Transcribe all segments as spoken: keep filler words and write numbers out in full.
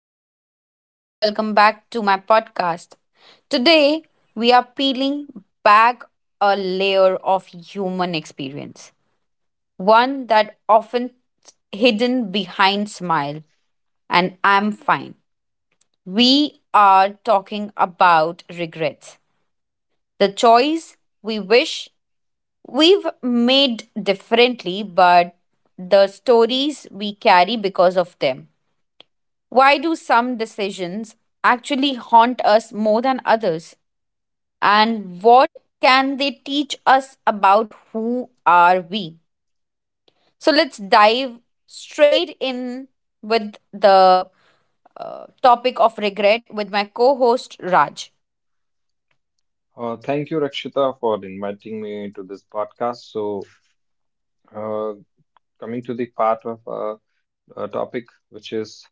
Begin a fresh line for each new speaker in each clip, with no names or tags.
I'm Rakshita. Welcome back to my podcast. Today, we are peeling back a layer of human experience, one that often hidden behind smile and I'm fine. We are talking about regrets, the choice we wish we've made differently, but the stories we carry because of them. Why do some decisions actually haunt us more than others? And what can they teach us about who are we? So let's dive straight in with the uh, topic of regret with my co-host Raj.
Uh, thank you, Rakshita, for inviting me to this podcast. So, uh, coming to the part of uh, uh, topic, which is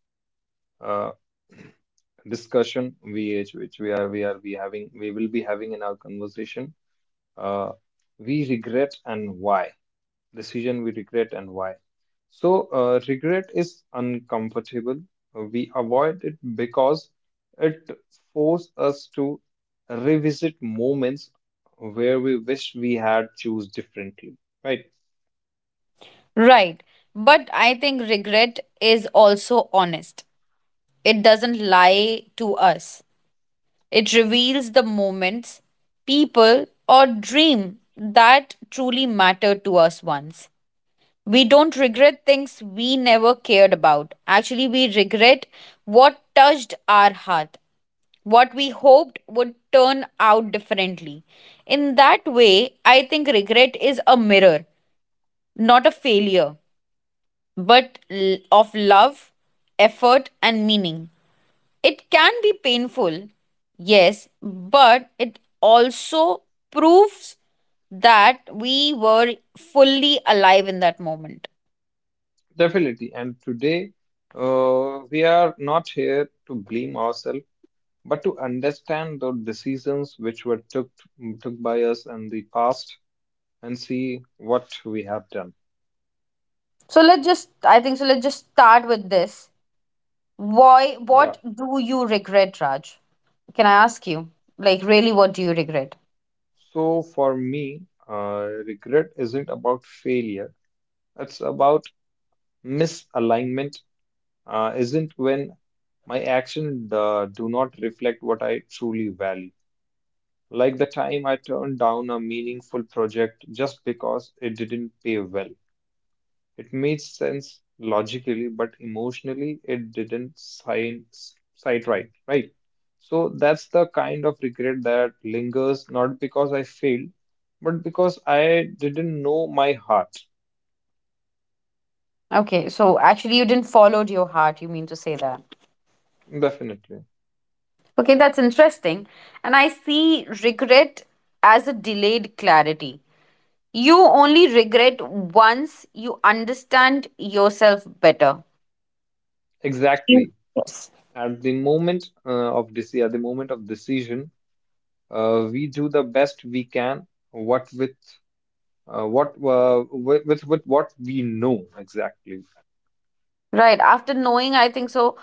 uh, discussion, V H, which we are we are we having we will be having in our conversation. Uh, we regret and why. Decision we regret and why. So, uh, regret is uncomfortable. We avoid it because it forces us to revisit moments where we wish we had choose differently, right?
Right. But I think regret is also honest. It doesn't lie to us. It reveals the moments, people, or dream that truly mattered to us once. We don't regret things we never cared about. Actually, we regret what touched our heart, what we hoped would turn out differently. In that way, I think regret is a mirror, not a failure, but l- of love, effort, and meaning. It can be painful, yes, but it also proves that we were fully alive in that moment.
Definitely. And today, uh, we are not here to blame ourselves, but to understand the decisions which were took took by us in the past and see what we have done.
So let's just, I think, so let's just start with this. Why,
Yeah.
what do you regret, Raj? Can I ask you? Like, really, what do you regret?
So for me, uh, regret isn't about failure. It's about misalignment, uh, isn't when my actions uh, do not reflect what I truly value. Like the time I turned down a meaningful project just because it didn't pay well. It made sense logically, but emotionally it didn't sign, sight right, right? So that's the kind of regret that lingers not because I failed, but because I didn't know my heart.
Okay, so actually, you didn't follow your heart, you mean to say that.
Definitely.
Okay, that's interesting. And I see regret as a delayed clarity. You only regret once you understand yourself better. Mm.
Exactly.
Yes.
At the moment uh, of this, at the moment of decision, uh, we do the best we can. What with uh, what uh, with, with with what we know exactly.
Right. After knowing, I think so,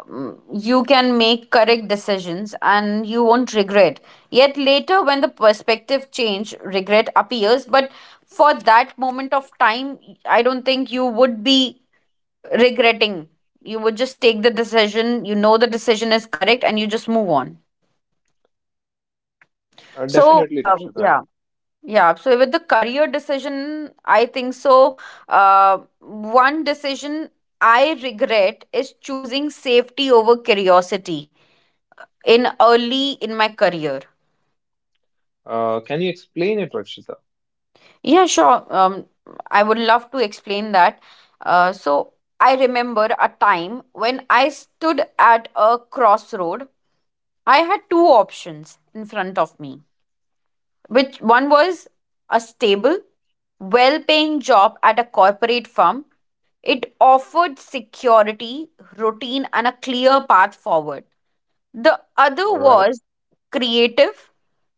um, you can make correct decisions and you won't regret. Yet later, when the perspective change, regret appears. But for that moment of time, I don't think you would be regretting. You would just take the decision. You know the decision is correct and you just move on.
Uh,
So,
definitely,
um,
Rakshita.
yeah. Yeah, so with the career decision, I think so. Uh, one decision I regret is choosing safety over curiosity in early in my career.
Uh, can you explain it, Rakshita?
Yeah, sure. Um, I would love to explain that. Uh, so I remember a time when I stood at a crossroad. I had two options in front of me which one was a stable, well paying job at a corporate firm. It offered security, routine, and a clear path forward. The other
All right.
was creative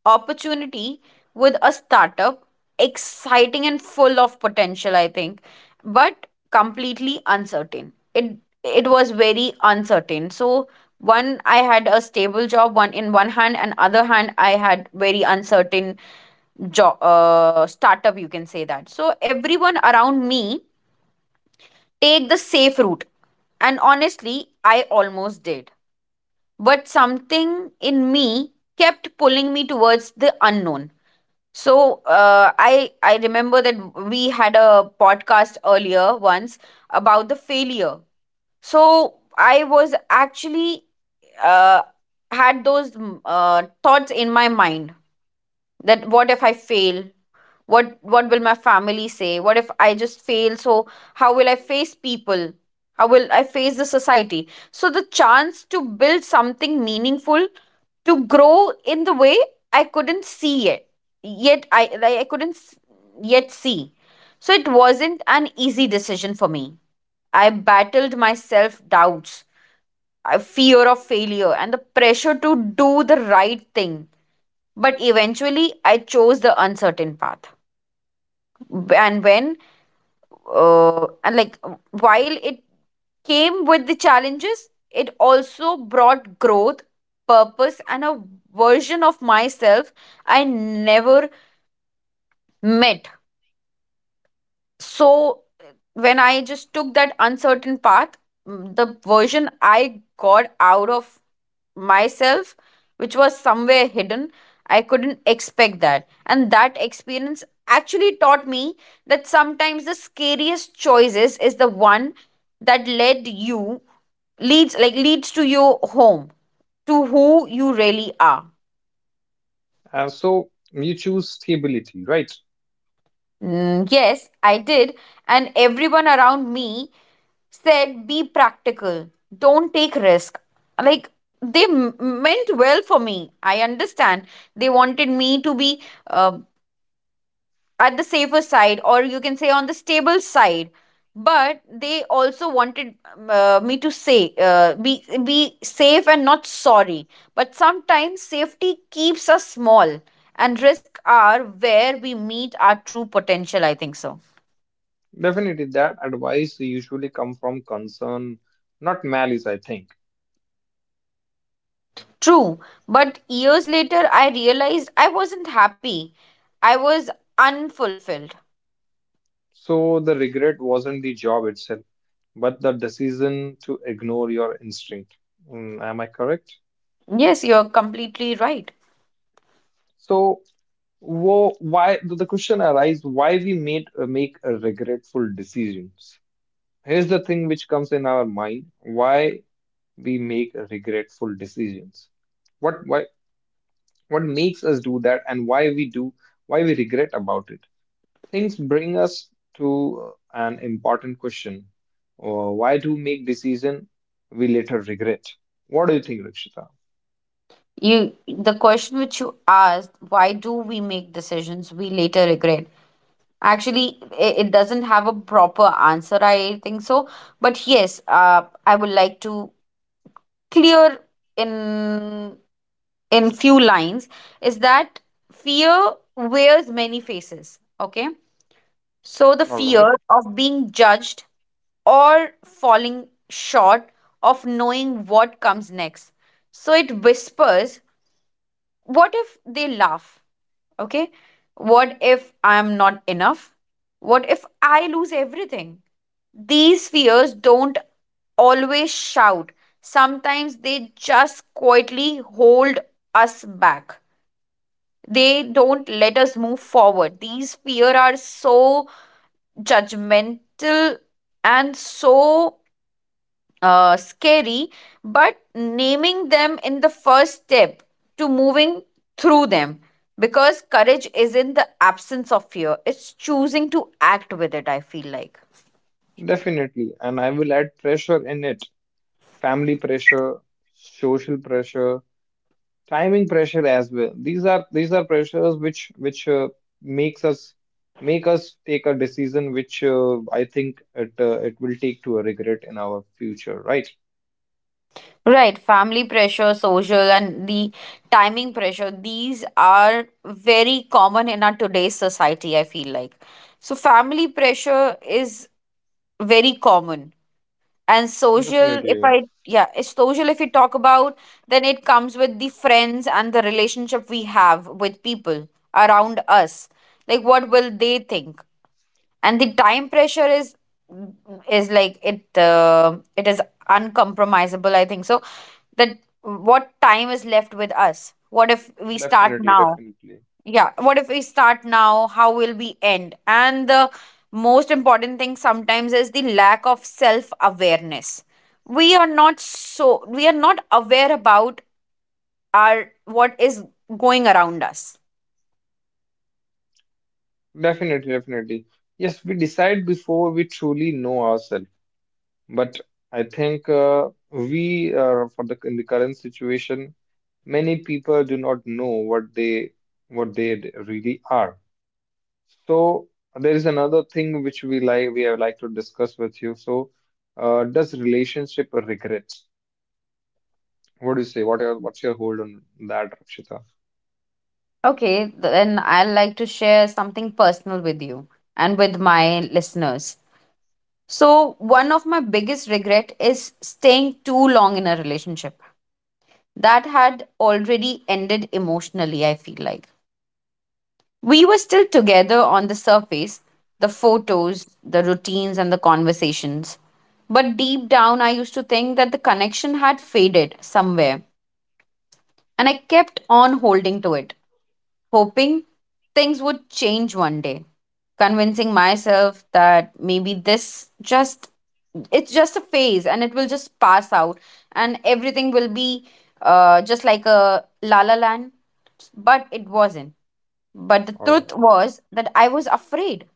opportunity with a startup, exciting and full of potential, I think, but completely uncertain. It it was very uncertain. So one I had a stable job, one in one hand, and other hand I had very uncertain job uh, startup. You can say that. So everyone around me take the safe route, and honestly, I almost did but something in me kept pulling me towards the unknown so uh, i i remember that we had a podcast earlier once about the failure so I was actually uh, had those mm, uh, thoughts in my mind that what if I fail what what will my family say what if I just fail so how will I face people how will I face the society so the chance to build something meaningful to grow in the way I couldn't see it yet i like, i couldn't s- yet see so it wasn't an easy decision for me I battled my self doubts a fear of failure and the pressure to do the right thing. But eventually, I chose the uncertain path. And when uh, and like uh, while it came with the challenges, it also brought growth, purpose, and a version of myself I never met. So when I just took that uncertain path, mm, the version I got out of myself, which was somewhere hidden, I couldn't expect that. And that experience actually taught me that sometimes the scariest choices is the one that led you leads like leads to your home to who you really are.
Uh, so you choose stability, right?
Mm, yes, I did. And everyone around me said be practical don't take risk like they m- meant well for me I understand they wanted me to be uh, at the safer side or you can say on the stable side but they also wanted um, uh, me to say uh, be be safe and not sorry but sometimes safety keeps us small and risks are where we meet our true potential I think so.
Definitely, that advice usually come from concern, not malice, I think.
True, but years later I realized I wasn't happy. I was unfulfilled.
So the regret wasn't the job itself, but the decision to ignore your instinct. Mm, am I correct?
Yes, you're completely right.
So wo- why the the question arises? Why we made uh, make a regretful decisions? Here's the thing which comes in our mind: why we make regretful decisions? What? Why? What makes us do that and why we do, why we regret about it? Things bring us to uh, an important question. Uh, why do make decision we later regret? What do you think, Rakshita?
You the question which you asked, why do we make decisions we later regret? Actually, i- it doesn't have a proper answer, I think so. But yes, uh, I would like to clear in in few lines is that fear wears many faces, okay? So the
All right.
fear of being judged or falling short of knowing what comes next. So it whispers, what if they laugh? Okay. What if I'm not enough? What if I lose everything? These fears don't always shout. Sometimes they just quietly hold us back. They don't let us move forward. These fear are so judgmental and so uh, scary, but naming them in the first step to moving through them. Because courage isn't the absence of fear, it's choosing to act with it, I feel like.
Definitely. And I will add pressure in it: family pressure, social pressure, timing pressure as well. These are these are pressures which which uh, makes us make us take a decision which uh, i think it uh, it will take to a regret in our future, right?
Right, family pressure, social, and the timing pressure, these are very common in our today's society, I feel like. So, family pressure is very common and social if
Definitely,
I yeah it's social if we talk about then it comes with the friends and the relationship we have with people around us like what will they think and the time pressure is is like it uh, it is uncompromisable I think so that what time is left with us what if we start
definitely,
now
definitely,
yeah what if we start now how will we end and the most important thing sometimes is the lack of self awareness we are not so we are not aware about our what is going around us.
definitely, definitely. Yes, we decide before we truly know ourselves. But I think uh, we, uh, for the in the current situation, many people do not know what they what they d- really are. So there is another thing which we like we would like to discuss with you. So, uh, does relationship regret? What do you say? What are, what's your hold on that, Rakshita?
Okay, then I'd like to share something personal with you and with my listeners. So, one of my biggest regret is staying too long in a relationship that had already ended emotionally, I feel like. We were still together on the surface the photos, the routines, and the conversations. But deep down, I used to think that the connection had faded somewhere. And I kept on holding to it, hoping things would change one day, convincing myself that maybe this just it's just a phase and it will just pass out and everything will be uh, just like a la la land but it wasn't but the
All
truth
right.
was that I was afraid,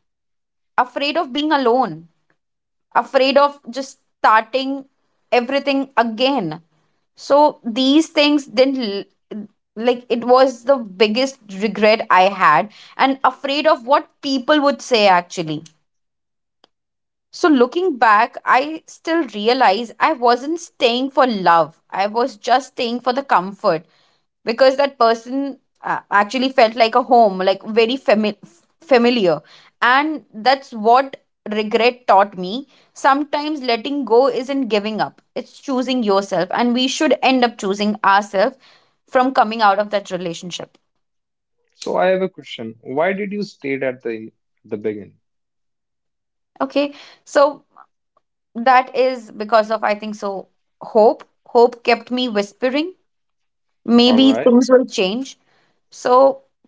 afraid of being alone, afraid of just starting everything again. So these things didn't l- like it was the biggest regret I had and afraid of what people would say actually. So looking back, I still realize I wasn't staying for love. I was just staying for the comfort because that person uh, actually felt like a home like very fami- familiar and that's what regret taught me sometimes letting go isn't giving up it's choosing yourself and we should end up choosing ourselves from coming out of that relationship.
So I have a question. Why did you state at the the beginning?
Okay so that is because of I think so hope hope kept me whispering
All
maybe
right.
things will change so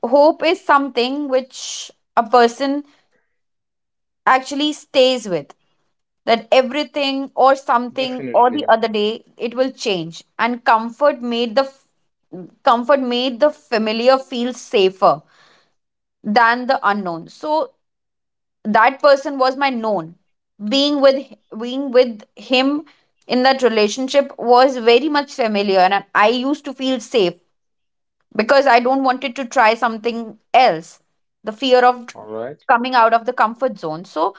hope is something which a person actually stays with that everything or something or the
Definitely.
other day it will change and comfort made the comfort made the familiar feel safer than the unknown so that person was my known being with being with him in that relationship was very much familiar and I used to feel safe because I don't wanted to try something else the fear of
All right.
coming out of the comfort zone so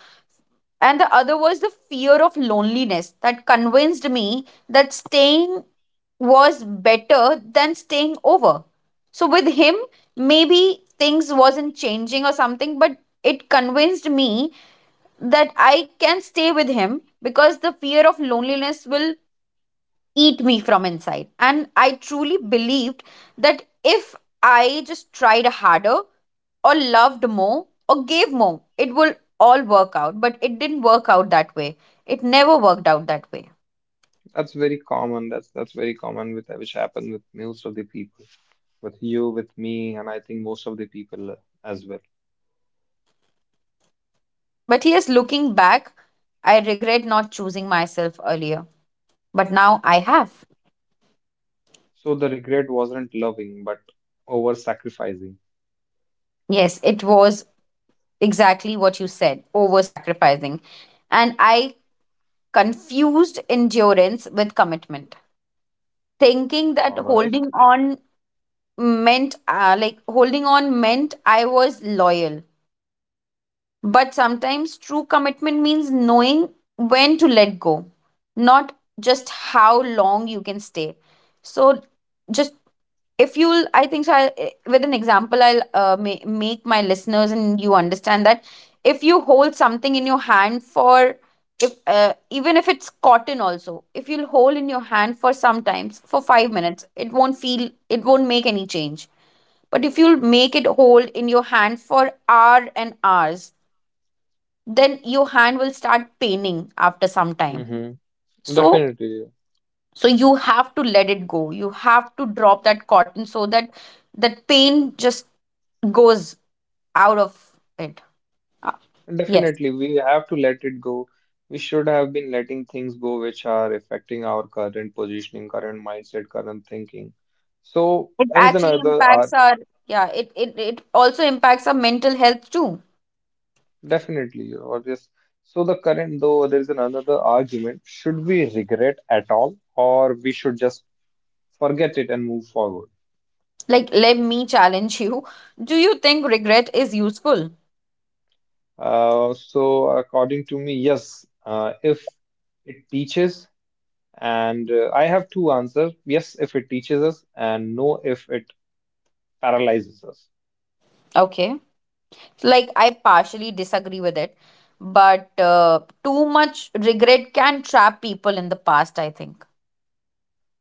and the other was the fear of loneliness that convinced me that staying was better than staying over so with him maybe things wasn't changing or something but it convinced me that I can stay with him because the fear of loneliness will eat me from inside. And I truly believed that if I just tried harder or loved more or gave more, it will all work out. But it didn't work out that way. It never worked out that way.
That's very common. That's that's very common with which happened with most of the people, with you, with me, and I think most of the people as well.
But yes, looking back, I regret not choosing myself earlier. But now I have.
So the regret wasn't loving, but over sacrificing.
Yes, it was exactly what you said over sacrificing. And I confused endurance with commitment, thinking that
All right.
holding on meant uh, like holding on meant I was loyal. But sometimes true commitment means knowing when to let go, not just how long you can stay. So just, if you'll I think so I, eh, with an example i'll uh, ma- make my listeners and you understand that if you hold something in your hand for if uh, even if it's cotton also, if you'll hold in your hand for sometimes for five minutes, it won't feel, it won't make any change. But if you'll make it hold in your hand for hour and hours, then your hand will start paining after some time.
Mm-hmm.
so
Definitely.
so you have to let it go, you have to drop that cotton so that that pain just goes out of it. Uh, yes,
Definitely, we have to let it go. We should have been letting things go which are affecting our current positioning, current mindset, current thinking. So
it
there is
actually
another ar
impacts our, yeah it, it it also impacts our mental health too.
definitely, or just so the current though there is another argument. Should we regret at all, or we should just forget it and move forward?
Like, let me challenge you: do you think regret is useful?
Uh, so according to me, yes. Uh, if it teaches, and uh, I have two answers: yes, if it teaches us, and no, if it paralyzes us.
Okay, like I partially disagree with it, but uh, too much regret can trap people in the past, I think.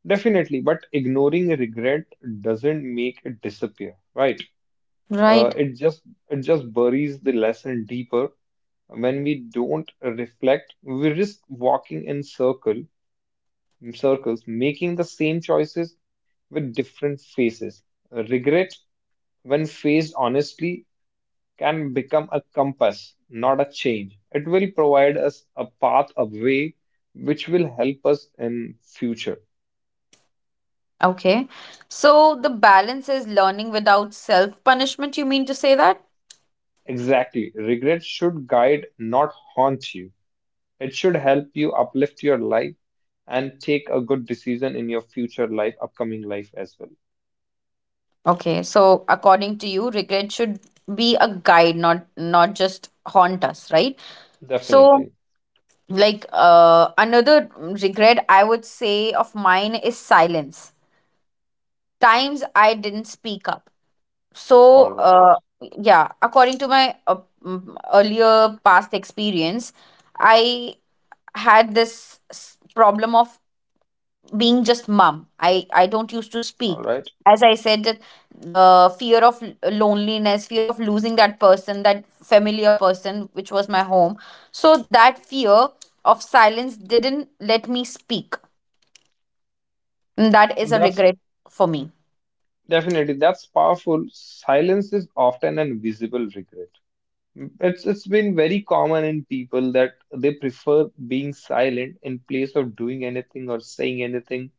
Definitely, but ignoring regret doesn't make it disappear, right?
Right.
Uh, it just it just buries the lesson deeper. When we don't reflect, we risk walking in circle in circles, making the same choices with different faces. Regret, when faced honestly, can become a compass, not a change. It will provide us a path, a way, which will help us in future.
Okay, so the balance is learning without self punishment, you mean to say that?
Exactly. Regret should guide, not haunt you. It should help you uplift your life and take a good decision in your future life, upcoming life as well.
Okay, so according to you regret should be a guide, not not just haunt us, right? So,
Definitely.
like, uh, another regret I would say of mine is silence, times I didn't speak up. So,
All right.
uh, yeah, according to my uh, mm, earlier past experience, I had this s- problem of being just mum. I, I don't used to
All
speak.
right.
As I said, that uh, fear of l- loneliness, fear of losing that person, that familiar person, which was my home. So that fear of silence didn't let me speak. And that is a
That's
regret for me.
definitely that's powerful. Silence is often an visible regret. It's it's been very common in people that they prefer being silent in place of doing anything or saying anything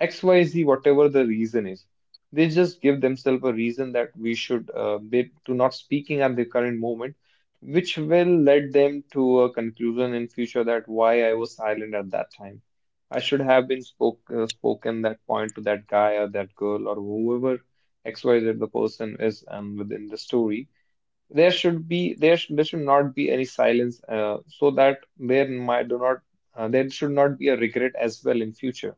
X Y Z, whatever the reason is. They just give themselves a reason that we should, uh, they do not speaking at the current moment, which will lead them to a conclusion in future that why I was silent at that time. I should have been spoke, uh, spoken that point to that guy or that girl or whoever X Y Z the person is um, within the story. There should be there should, there should not be any silence uh, so that there might do not uh, there should not be a regret as well in future.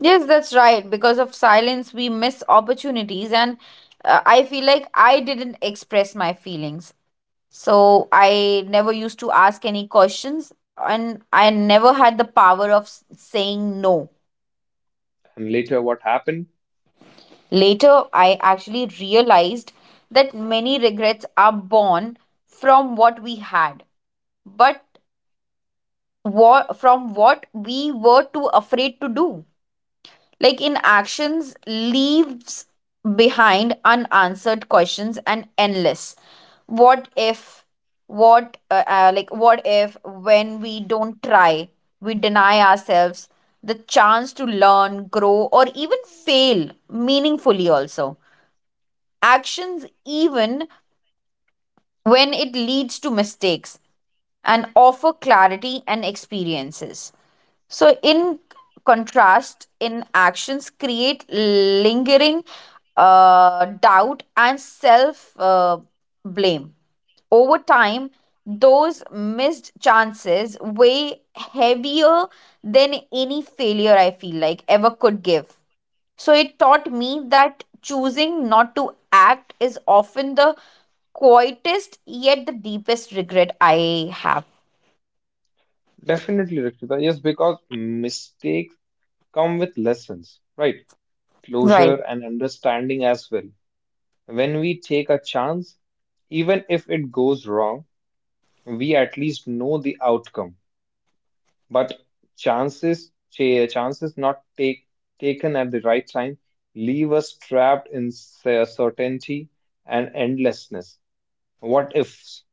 Yes, that's right. Because of silence, we miss opportunities. And uh, I feel like I didn't express my feelings. So I never used to ask any questions. And I never had the power of s- saying no.
And later, what happened?
Later, I actually realized that many regrets are born from what we had, but what, from what we were too afraid to do. Like, in actions leaves behind unanswered questions and endless what if. What uh, uh, Like, what if when we don't try, we deny ourselves the chance to learn, grow, or even fail meaningfully also. Actions, even when it leads to mistakes, and offer clarity and experiences. So, in contrast, in actions create lingering uh, doubt and self uh, blame. Over time, those missed chances weigh heavier than any failure I feel like ever could give. So it taught me that choosing not to act is often the quietest yet the deepest regret I have.
Definitely, Rakshita. Yes, because mistakes come with lessons, right? Closure
Right.
and understanding as well. When we take a chance, even if it goes wrong, we at least know the outcome. But chances, ch- chances not take, taken at the right time leave us trapped in cer- certainty and endlessness. What ifs?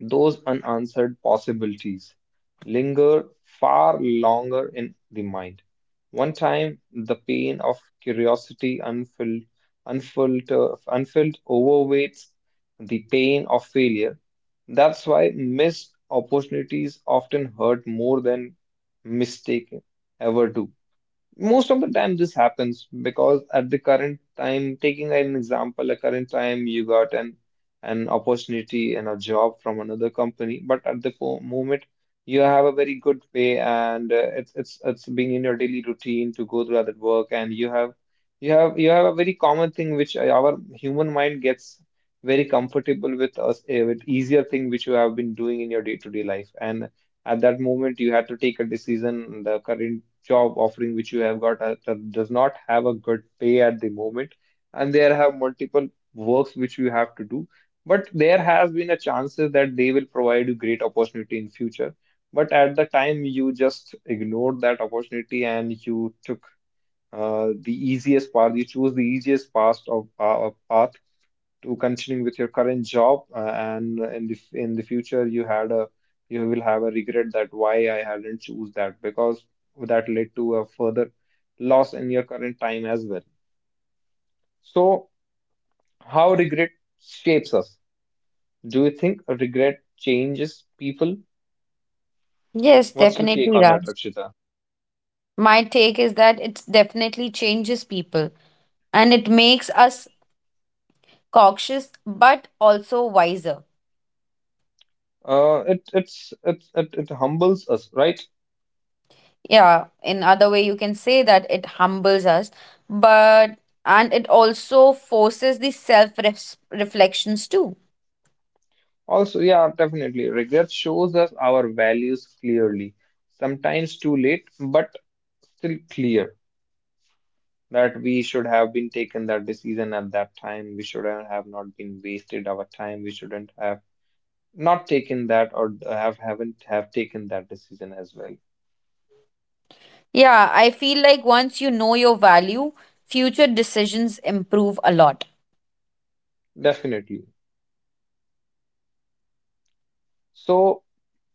Those unanswered possibilities linger far longer in the mind. One time, the pain of curiosity unfilled, unfiltered, unfilled overweights the pain of failure. That's why missed opportunities often hurt more than mistake ever do. Most of the time, this happens because at the current time, taking an example, a current time you got an an opportunity and a job from another company, but at the po- moment you have a very good pay and uh, it's it's it's being in your daily routine to go through that work, and you have you have you have a very common thing which uh, our human mind gets very comfortable with us uh, with easier thing which you have been doing in your day-to-day life, and at that moment, you had to take a decision. The current job offering which you have got uh, that does not have a good pay at the moment, and there have multiple works which you have to do. But there has been a chances that they will provide you great opportunity in future. But at the time, you just ignored that opportunity and you took uh, the easiest path. You chose the easiest path of uh, path to continuing with your current job uh, and in the in the future you had a you will have a regret that why I hadn't choose that because that led to a further loss in your current time as well. So how regret shapes us? Do you think regret changes people?
Yes,
What's your take
definitely,
on that,
Raj.
Rakshita?
My take is that it definitely changes people, and it makes us cautious but also wiser.
Uh, it it's it, it it humbles us, right?
Yeah, in other way you can say that it humbles us, but and it also forces the self reflections too.
Also, yeah, definitely. Regret shows us our values clearly, sometimes too late, but still clear. That we should have been taken that decision at that time. We shouldn't have not been wasted our time. We shouldn't have not taken that or have haven't have taken that decision as well.
Yeah, I feel like once you know your value, future decisions improve a lot.
Definitely. So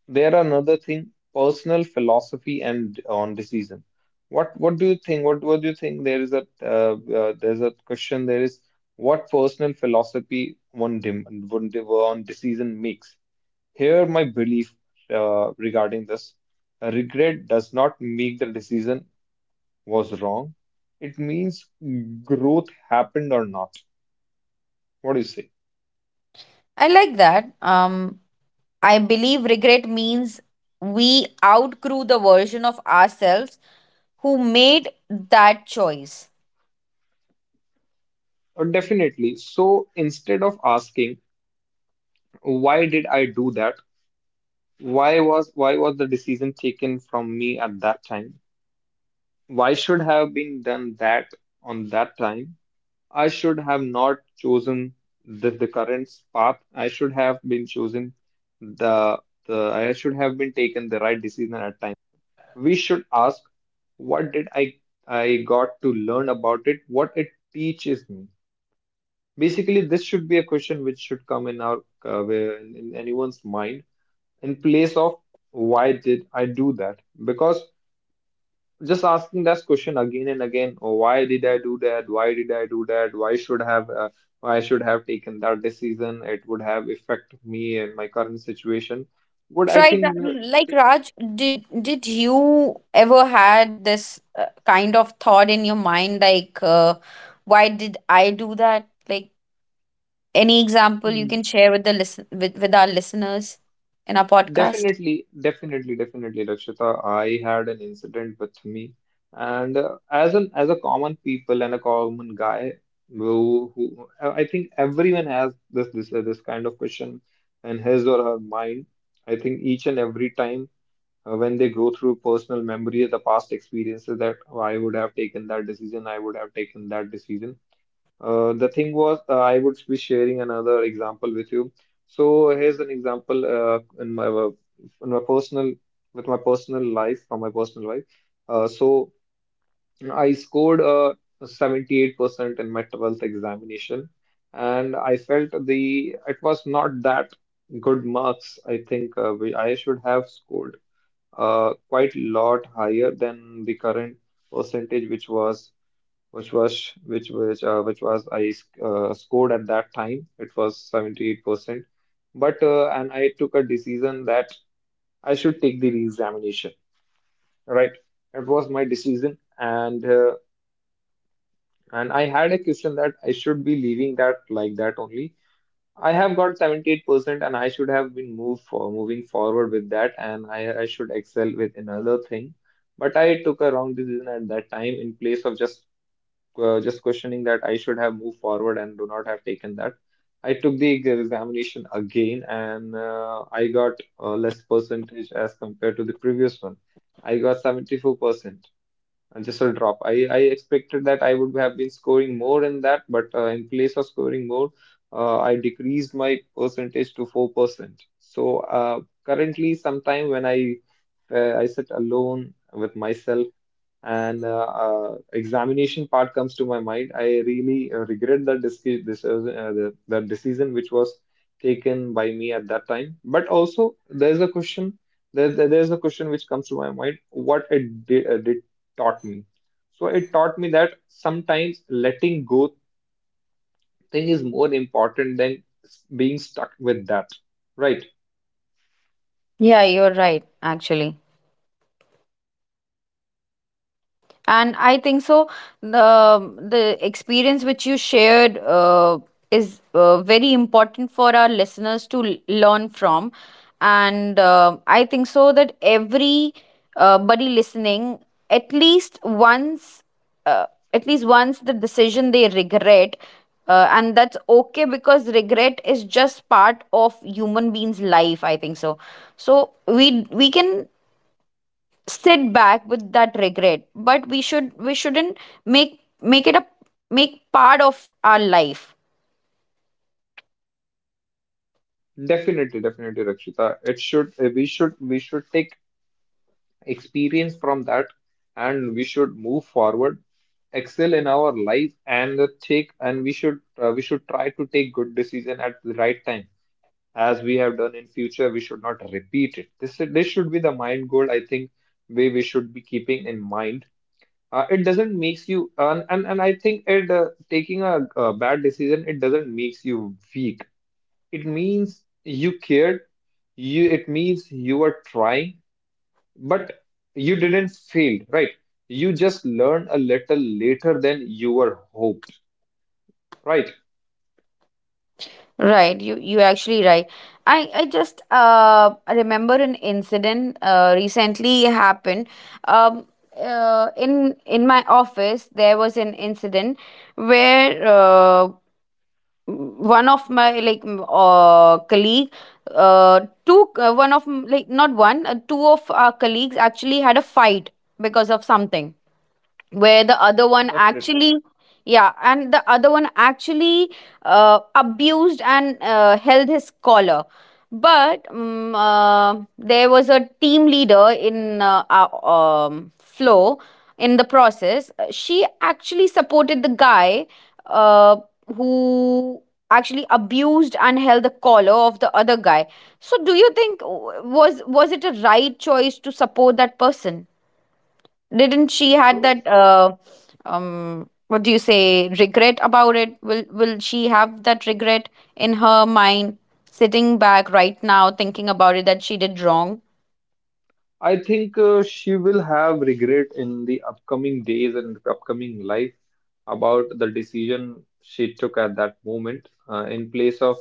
there are another thing, personal philosophy and on decision. What what do you think? What what do you think? There is a uh, uh, there's a question. There is what personal philosophy one dem one, de- one decision makes. Here, my belief uh, regarding this, regret does not make the decision was wrong. It means growth happened or not. What do you say?
I like that. Um, I believe regret means we outgrew the version of ourselves who made that choice.
Uh, definitely. So instead of asking why did I do that, why was, why was the decision taken from me at that time? Why should have been done that on that time? I should have not chosen the, the current path. I should have been chosen the, the I should have been taken the right decision at time. We should ask, what did I I got to learn about it? What it teaches me? Basically, this should be a question which should come in our uh, in in anyone's mind in place of why did I do that? Because just asking that question again and again, oh, why did I do that, why did I do that, why should have uh, why should have taken that decision, it would have affected me and my current situation would I
Right, Ra-
think uh,
like
t-
Raj, did did you ever had this uh, kind of thought in your mind, like, uh, why did I do that? Like, any example you can share with the listen with, with our listeners in our podcast?
definitely, definitely definitely Lakshita, I had an incident with me and uh, as an as a common people and a common guy who, who i I think everyone has this this this kind of question in his or her mind I think each and every time. Uh, when they go through personal memory of the past experiences that, "Oh, I would have taken that decision, I would have taken that decision." Uh, the thing was, uh, I would be sharing another example with you. So here's an example uh, in my uh, in my personal with my personal life from my personal life. Uh, so I scored a seventy-eight percent in my twelfth examination, and I felt the it was not that good marks. I think uh, we, I should have scored uh, quite lot higher than the current percentage which was which was which which uh, which was I uh, scored at that time. It was seventy-eight percent. But uh, and I took a decision that I should take the re-examination. Right, it was my decision, and uh, and I had a question that I should be leaving that like that only. I have got seventy-eight percent and I should have been moved for moving forward with that, and I, I should excel with another thing. But I took a wrong decision at that time in place of just uh, just questioning that I should have moved forward and do not have taken that. I took the examination again, and uh, I got uh, less percentage as compared to the previous one. I got seventy-four percent, uh, just a drop. I, I expected that I would have been scoring more in that, but uh, in place of scoring more, uh, I decreased my percentage to four percent. So uh, Currently, sometime when I uh, I sit alone with myself and uh, uh, examination part comes to my mind, I really uh, regret that this, this uh, the, the decision which was taken by me at that time. But also there's a question. There, there- there's a question which comes to my mind: what it did, uh, did taught me. So it taught me that sometimes letting go thing is more important than s- being stuck with that, right?
Yeah, you're right, actually. And I think so, the the experience which you shared, uh, is uh, very important for our listeners to l- learn from. And uh, I think so that every uh, buddy listening at least once, uh, at least once the decision they regret, uh, and that's okay, because regret is just part of human beings life, I think so. So we we can sit back with that regret, but we should, we shouldn't make make it a make part of our life.
Definitely definitely Rakshita, it should, uh, we should we should take experience from that, and we should move forward, excel in our life, and take and we should uh, we should try to take good decision at the right time. As we have done in future, we should not repeat it. This this should be the mind goal. I think way we should be keeping in mind. Uh, it doesn't makes you and and, and I think it uh, taking a, a bad decision, it doesn't makes you weak. It means you cared. You, it means you are trying, but you didn't fail, right? You just learned a little later than you were hoped, right?
Right, you you actually right. I i just uh remember an incident uh recently happened. um uh, in in my office there was an incident where, uh, one of my, like, m- uh colleague, uh two uh, one of, m- like, not one, uh, two of our colleagues actually had a fight because of something, where the other one
Definitely.
actually, yeah, and the other one actually uh, abused and uh, held his collar. But um, uh, there was a team leader in uh, our, um, flow in the process. Uh, she actually supported the guy, uh, who actually abused and held the collar of the other guy. So do you think, uh, was was it a right choice to support that person? Didn't she had
So
that uh, um what do you say regret about it? Will will she have that regret in her mind sitting back right now thinking about it, that she did wrong?
I think uh, she will have regret in the upcoming days and upcoming life about the decision she took at that moment, uh, in place of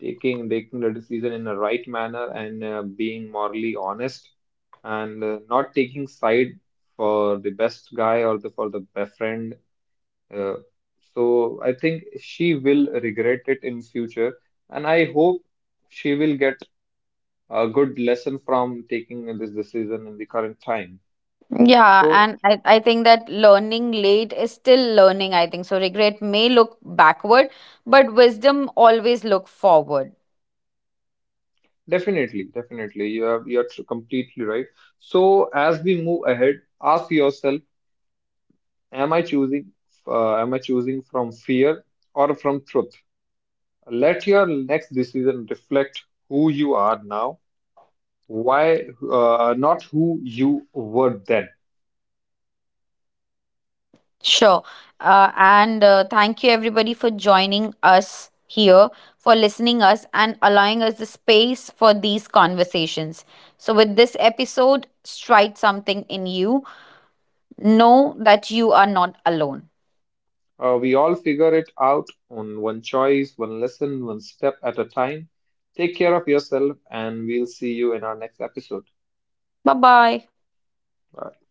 taking taking the decision in the right manner, and uh, being morally honest, and uh, not taking side for the best guy, or the for the best friend. Uh, so I think she will regret it in future, and I hope she will get a good lesson from taking this decision in the current time.
Yeah,
So
and I, I think that learning late is still learning, I think. So regret may look backward, but wisdom always look forward.
definitely, definitely, you are you are tr- completely right. So as we move ahead, ask yourself: am I choosing? Uh, am I choosing from fear or from truth? Let your next decision reflect who you are now, why uh, not who you were then.
Sure. Uh, and uh, thank you everybody for joining us here, for listening us and allowing us the space for these conversations. So with this episode, strike something in you. Know that you are not alone.
Uh, we all figure it out on one choice, one lesson, one step at a time. Take care of yourself, and we'll see you in our next episode.
Bye-bye.
Bye.